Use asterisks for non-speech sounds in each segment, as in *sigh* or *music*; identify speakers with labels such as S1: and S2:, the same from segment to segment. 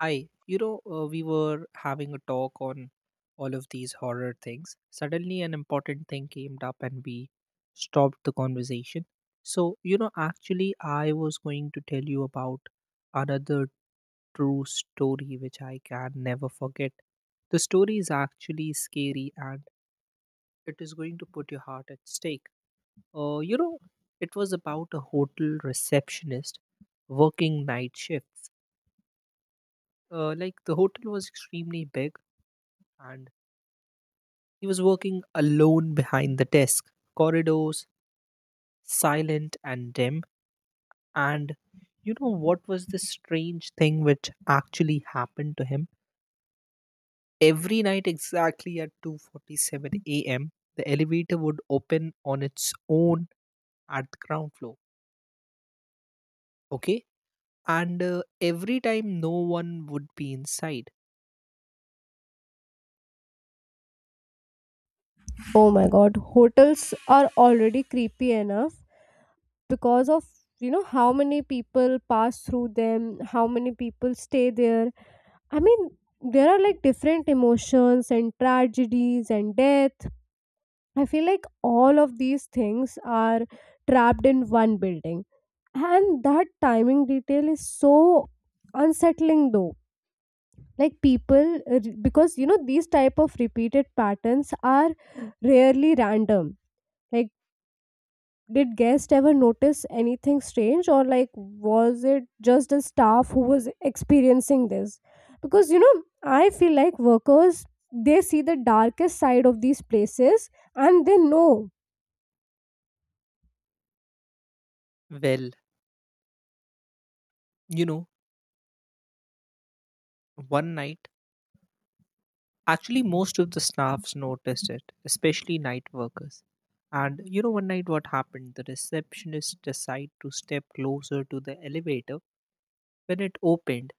S1: We were having a talk on all of these horror things. Suddenly, an important thing came up and we stopped the conversation. I was going to tell you about another true story which I can never forget. The story is actually scary and it is going to put your heart at stake. Uh, you know, it was about a hotel receptionist working night shifts. The hotel was extremely big and he was working alone behind the desk, corridors silent and dim. And you know what was the strange thing which actually happened to him? Every night exactly at 2:47 a.m., the elevator would open on its own at the ground floor. Okay? And Every time no one would be inside.
S2: Oh my god, hotels are already creepy enough because of how many people pass through them, how many people stay there. I mean, there are different emotions and tragedies and death. I feel like all of these things are trapped in one building. And that timing detail is so unsettling though. Like people, because these type of repeated patterns are rarely random. like did guest ever notice anything strange, or like was it just the staff who was experiencing this? Because I feel like workers, they see the darkest side of these places and they know.
S1: Well, you know, One night, actually, most of the staffs noticed it, especially night workers. And you know, one night what happened? The receptionist decided to step closer to the elevator when it opened,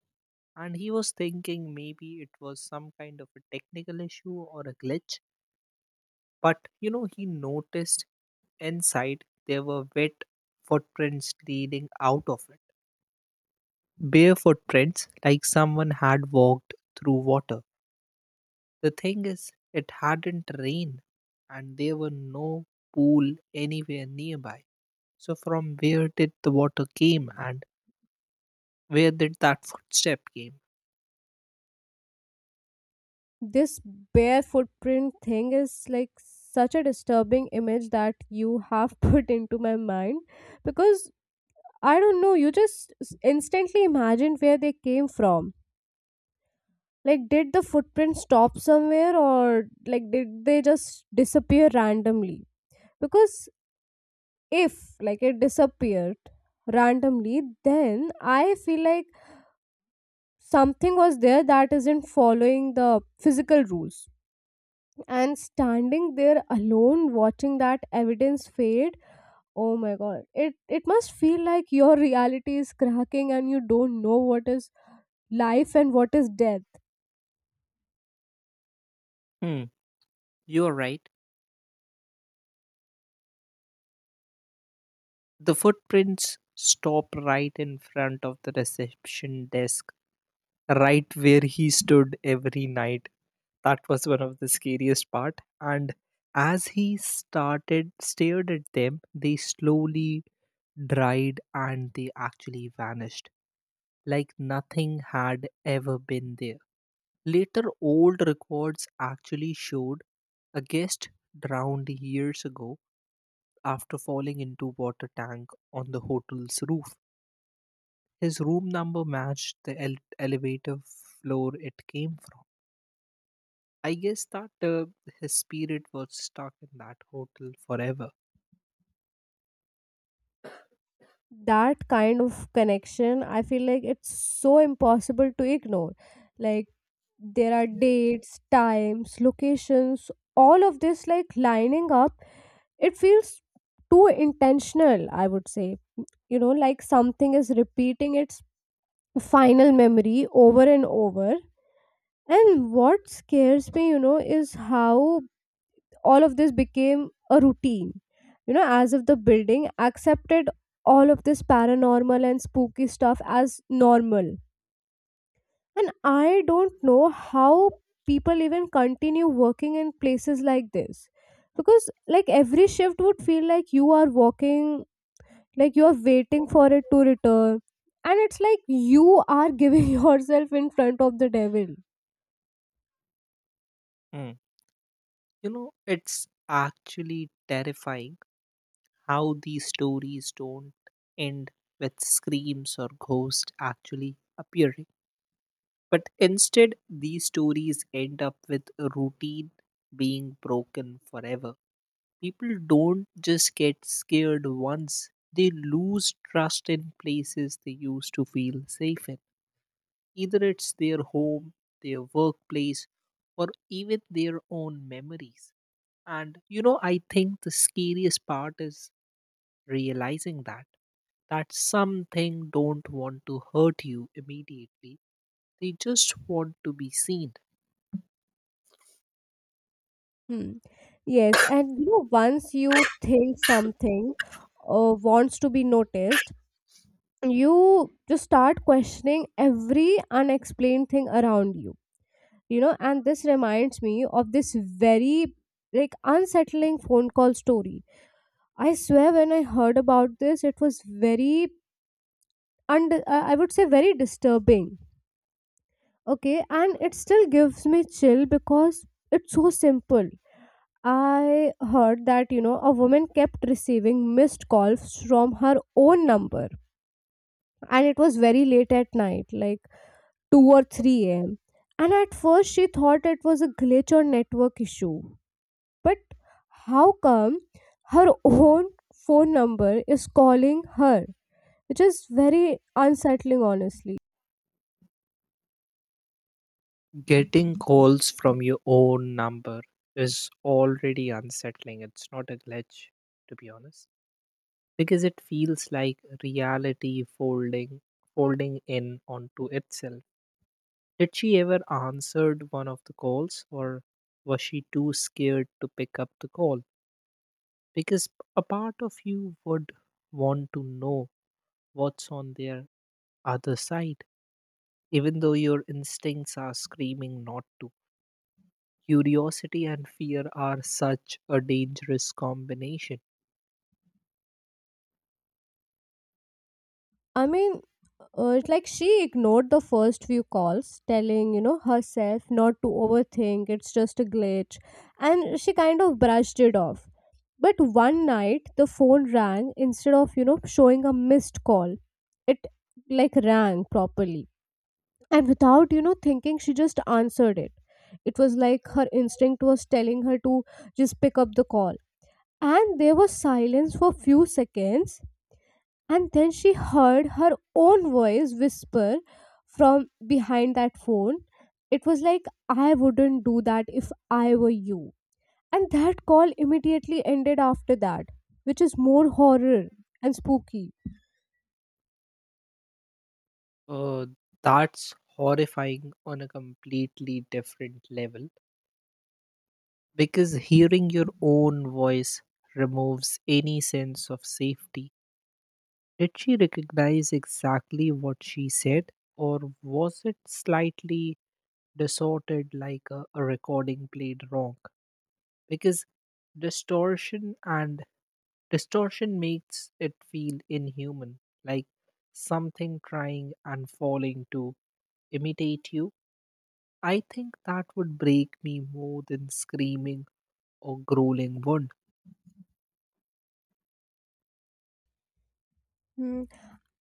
S1: and he was thinking maybe it was some kind of a technical issue or a glitch. But you know, he noticed inside there were wet footprints leading out of it. Bare footprints, like someone had walked through water. The thing is, it hadn't rained and there were no pool anywhere nearby. So from where did the water came and where did that footstep came?
S2: This bare footprint thing is like such a disturbing image that you have *laughs* put into my mind because I don't know, you just instantly imagined where they came from. Like, did the footprint stop somewhere, or like did they just disappear randomly? Because if like it disappeared randomly, then I feel like something was there that isn't following the physical rules. And standing there alone watching that evidence fade, oh my god. It must feel like your reality is cracking and you don't know what is life and what is death.
S1: Hmm, you are right. The footprints stop right in front of the reception desk, right where he stood every night. That was one of the scariest part. And as he started stared at them, they slowly dried and they actually vanished, like nothing had ever been there. Later, old records actually showed a guest drowned years ago after falling into water tank on the hotel's roof. His room number matched the elevator floor it came from. I guess that his spirit was stuck in that hotel forever.
S2: That kind of connection, I feel like it's so impossible to ignore. Like there are dates, times, locations, all of this like lining up. It feels too intentional, I would say. Like something is repeating its final memory over and over. And what scares me, is how all of this became a routine, as if the building accepted all of this paranormal and spooky stuff as normal. And I don't know how people even continue working in places like this, because like every shift would feel like you are walking, like you are waiting for it to return. And it's like you are giving *laughs* yourself in front of the devil.
S1: Mm. You know, it's actually terrifying how these stories don't end with screams or ghosts actually appearing. But instead, these stories end up with a routine being broken forever. People don't just get scared once, they lose trust in places they used to feel safe in. Either it's their home, their workplace, or even their own memories. And you know, I think the scariest part is realizing that, that something don't want to hurt you immediately. They just want to be seen.
S2: Hmm. Yes, and once you think something wants to be noticed, you just start questioning every unexplained thing around you. And this reminds me of this very like unsettling phone call story. I swear, when I heard about this, it was very, and I would say very disturbing. Okay, and it still gives me chill because it's so simple. I heard that a woman kept receiving missed calls from her own number, and it was very late at night, like 2 or 3 a.m. And at first she thought it was a glitch or network issue, but how come her own phone number is calling her? Which is very unsettling, honestly.
S1: Getting calls from your own number is already unsettling. It's not a glitch, to be honest, because it feels like reality folding, in onto itself. Did she ever answered one of the calls or was she too scared to pick up the call? Because a part of you would want to know what's on their other side, even though your instincts are screaming not to. Curiosity and fear are such a dangerous combination.
S2: I mean, it's like she ignored the first few calls, telling, herself not to overthink, it's just a glitch. And she kind of brushed it off. But one night, the phone rang instead of, showing a missed call. It like rang properly. And without, thinking, she just answered it. It was like her instinct was telling her to just pick up the call. And there was silence for few seconds, and then she heard her own voice whisper from behind that phone. It was like, I wouldn't do that if I were you. And that call immediately ended after that, which is more horror and spooky.
S1: Uh, that's horrifying on a completely different level because hearing your own voice removes any sense of safety. Did she recognize exactly what she said, or was it slightly distorted like a recording played wrong? Because distortion and distortion makes it feel inhuman, like something trying and falling to imitate you. I think that would break me more than screaming or growling would.
S2: Hmm.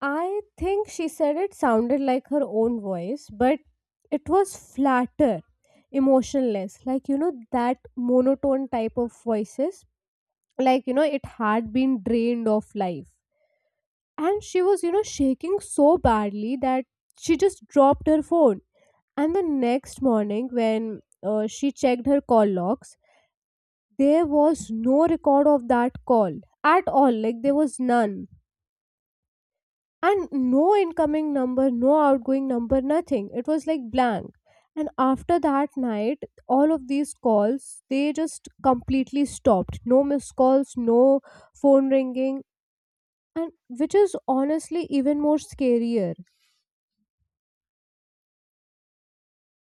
S2: I think she said it sounded like her own voice, but it was flatter, emotionless, like that monotone type of voices. Like, it had been drained of life. And she was shaking so badly that she just dropped her phone. And the next morning, when she checked her call logs, there was no record of that call at all. Like there was none, and no incoming number, no outgoing number, nothing. It was like blank. And after that night, all of these calls they just completely stopped. No missed calls, no phone ringing. And which is honestly even more scarier.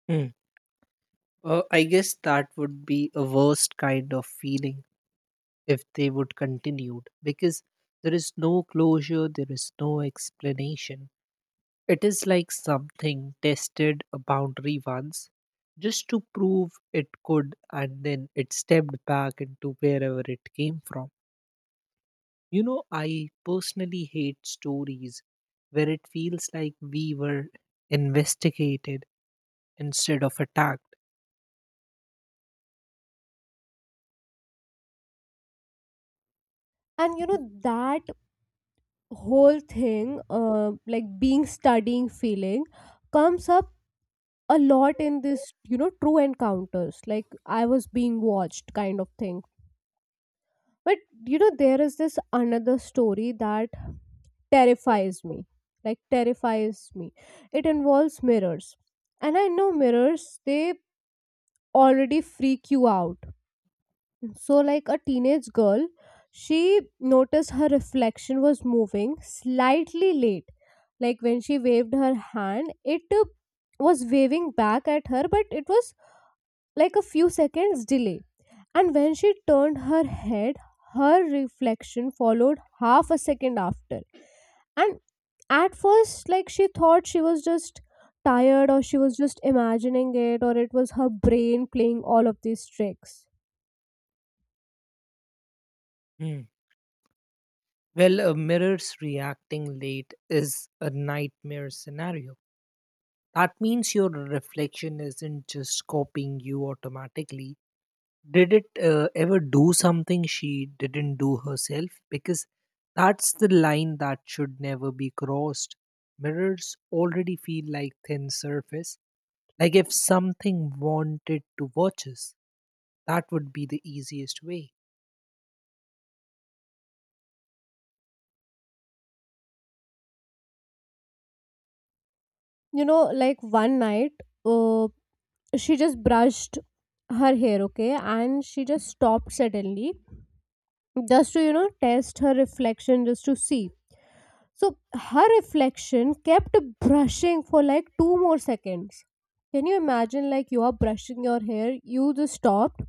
S1: Mm. I guess that would be a worst kind of feeling if they would continued, because there is no closure, there is no explanation. It is like something tested a boundary once just to prove it could, and then it stepped back into wherever it came from. You know, I personally hate stories where it feels like we were investigated instead of attacked.
S2: And that whole thing, like being studying feeling, comes up a lot in this true encounters, like I was being watched kind of thing. But there is this another story that terrifies me terrifies me. It involves mirrors, and I know mirrors, they already freak you out. So, like a teenage girl, she noticed her reflection was moving slightly late. Like when she waved her hand, it was waving back at her, but it was like a few seconds delay. And when she turned her head, her reflection followed half a second after. And at first, like she thought she was just tired, or she was just imagining it, or it was her brain playing all of these tricks.
S1: Hmm. Well, a mirror's reacting late is a nightmare scenario. That means your reflection isn't just copying you automatically. Did it ever do something she didn't do herself? Because that's the line that should never be crossed. Mirrors already feel like thin surface. Like if something wanted to watch us, that would be the easiest way.
S2: Like one night, uh, she just brushed her hair, okay, and she just stopped suddenly just to test her reflection just to see. So her reflection kept brushing for like two more seconds. Can you imagine, like you are brushing your hair, you just stopped,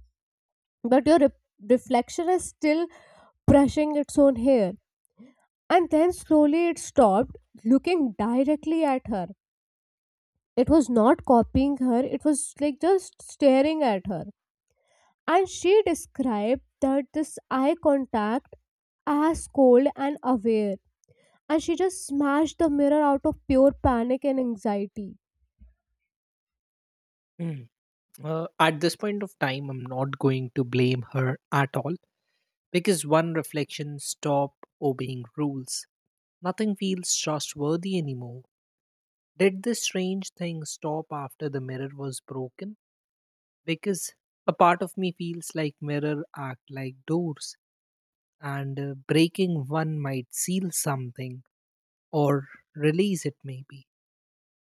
S2: but your reflection is still brushing its own hair. And then slowly it stopped, looking directly at her. It was not copying her, it was like just staring at her. And she described that this eye contact as cold and aware. And she just smashed the mirror out of pure panic and anxiety.
S1: Mm. At this point of time, I'm not going to blame her at all, because one reflection stop obeying rules. Nothing feels trustworthy anymore. Did this strange thing stop after the mirror was broken? Because a part of me feels like mirror act like doors, and breaking one might seal something or release it, maybe.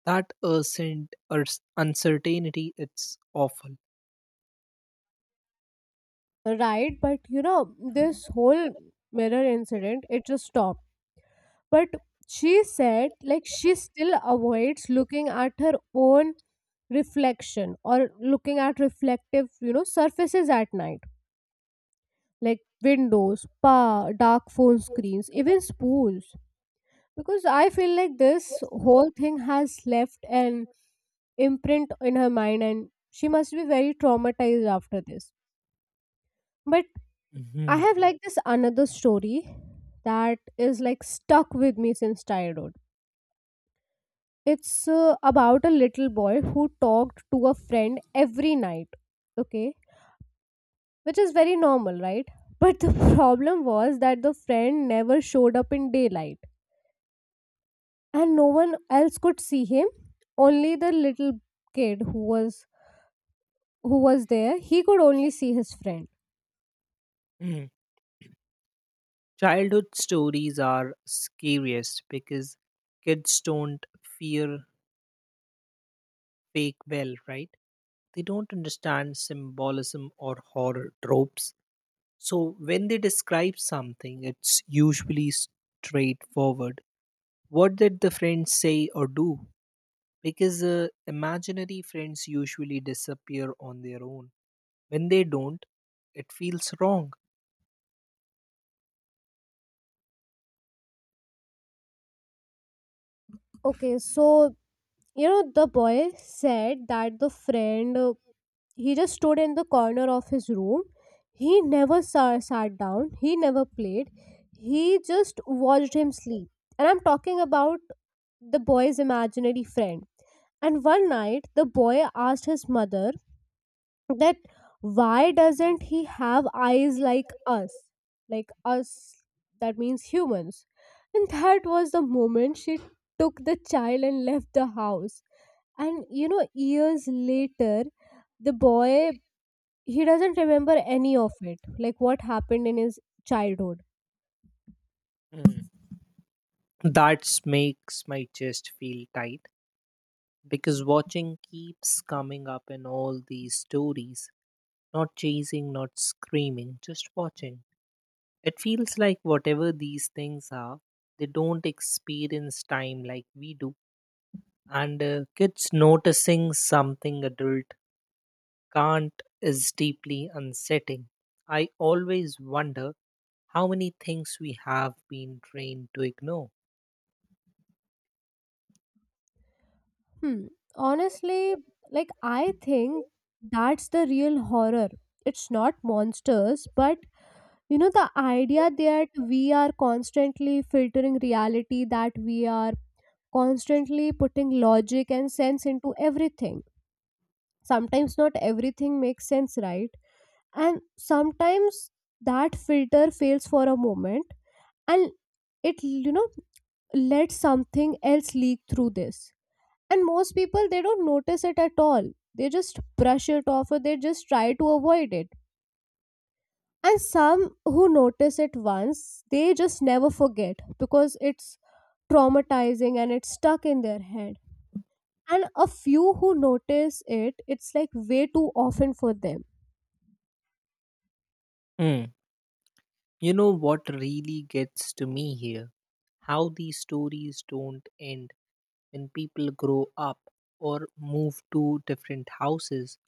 S1: That urgent or uncertainty, it's awful.
S2: Right, but this whole mirror incident, it just stopped. But she said like she still avoids looking at her own reflection, or looking at reflective surfaces at night, like windows, pa, dark phone screens, even spoons. Because I feel like this whole thing has left an imprint in her mind, and she must be very traumatized after this. But I
S1: Mhm.
S2: have like this another story that is like stuck with me since childhood. It's about a little boy who talked to a friend every night, okay? Which is very normal, right? But the *laughs* problem was that the friend never showed up in daylight, and no one else could see him. Only the little kid who was there, he could only see his friend.
S1: Mhm. Childhood stories are scariest because kids don't fear fake, well, right, they don't understand symbolism or horror tropes. So, when they describe something, it's usually straightforward. What did the friend say or do? Because imaginary friends usually disappear on their own. When they don't, it feels wrong.
S2: Okay, so the boy said that the friend, he just stood in the corner of his room. He never sat down, he never played, he just watched him sleep. And I'm talking about the boy's imaginary friend. And one night the boy asked his mother that why doesn't he have eyes like us, like us. That means humans. And that was the moment she took the child and left the house. And years later, the boy, he doesn't remember any of it, like what happened in his childhood.
S1: Mm. That makes my chest feel tight because watching keeps coming up in all these stories. Not chasing, not screaming, just watching. It feels like whatever these things are, they don't experience time like we do. And kids noticing something adult can't is deeply unsettling. I always wonder how many things we have been trained to ignore.
S2: Hmm. Honestly, like I think that's the real horror. It's not monsters, but the idea that we are constantly filtering reality, that we are constantly putting logic and sense into everything. Sometimes not everything makes sense, right? And sometimes that filter fails for a moment, and it let something else leak through this. And most people, they don't notice it at all. They just brush it off, or they just try to avoid it. And some who notice it once, they just never forget, because it's traumatizing and it's stuck in their head. And a few who notice it, it's like way too often for them.
S1: Hmm. You know what really gets to me here? How these stories don't end when people grow up or move to different houses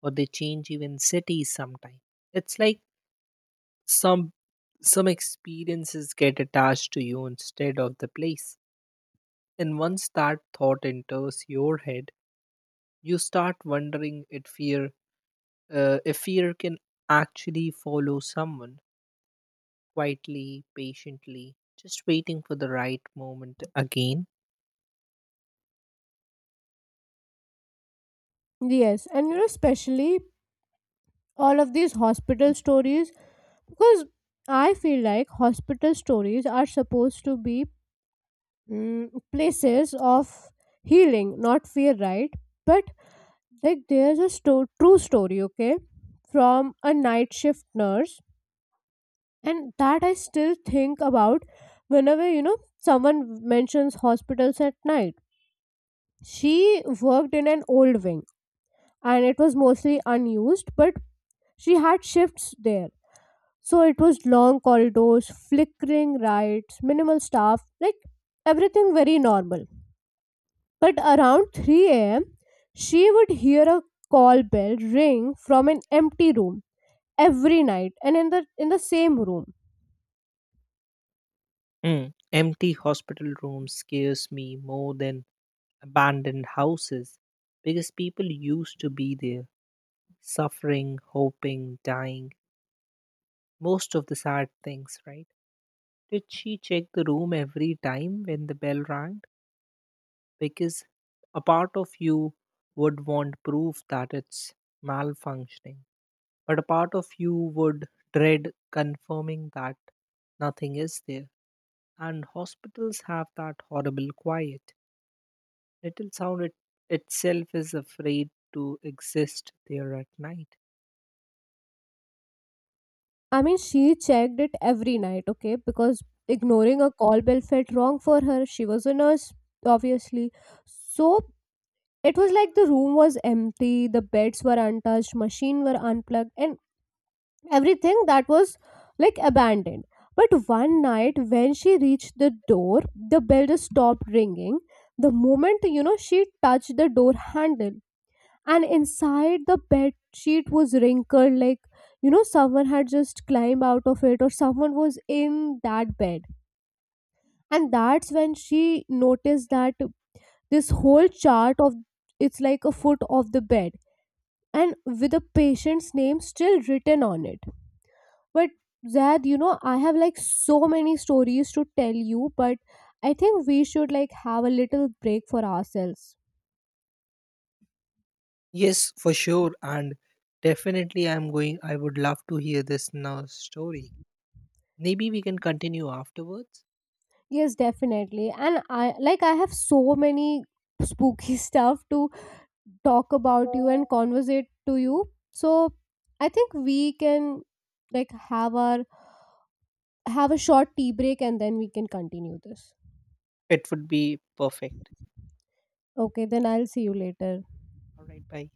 S1: or they change even cities sometimes. It's like some some experiences get attached to you instead of the place, and once that thought enters your head you start wondering if fear, if fear can actually follow someone, quietly, patiently, just waiting for the right moment again.
S2: Yes, and especially all of these hospital stories, because I feel like hospital stories are supposed to be, places of healing, not fear, right? But like there's a true story, okay, from a night shift nurse, and that I still think about whenever someone mentions hospitals at night. She worked in an old wing, and it was mostly unused, but she had shifts there. So it was long corridors, flickering lights, minimal staff, like everything very normal. But around 3 a.m., she would hear a call bell ring from an empty room every night, and in the same room.
S1: Mm. Empty hospital rooms scares me more than abandoned houses because people used to be there, suffering, hoping, dying, most of the sad things, right? Did she check the room every time when the bell rang? Because a part of you would want proof that it's malfunctioning, but a part of you would dread confirming that nothing is there. And hospitals have that horrible quiet. Little sound itself is afraid to exist there at night.
S2: I mean, she checked it every night, okay? Because ignoring a call bell felt wrong for her. She was a nurse, obviously. So it was like the room was empty, the beds were untouched, machine were unplugged, and everything that was like abandoned. But one night, when she reached the door, the bell just stopped ringing. The moment she touched the door handle, and inside the bed sheet was wrinkled like someone had just climbed out of it, or someone was in that bed. And that's when she noticed that this whole chart of, it's like a foot of the bed, and with a patient's name still written on it. But Zad, I have like so many stories to tell you, but I think we should like have a little break for ourselves.
S1: Yes, for sure. And definitely, I'm going. I would love to hear this now story. Maybe we can continue afterwards.
S2: Yes, definitely. And I have so many spooky *laughs* stuff to talk about you and conversate to you. So I think we can like have our have a short tea break, and then we can continue this.
S1: It would be perfect.
S2: Okay, then I'll see you later.
S1: All right, bye.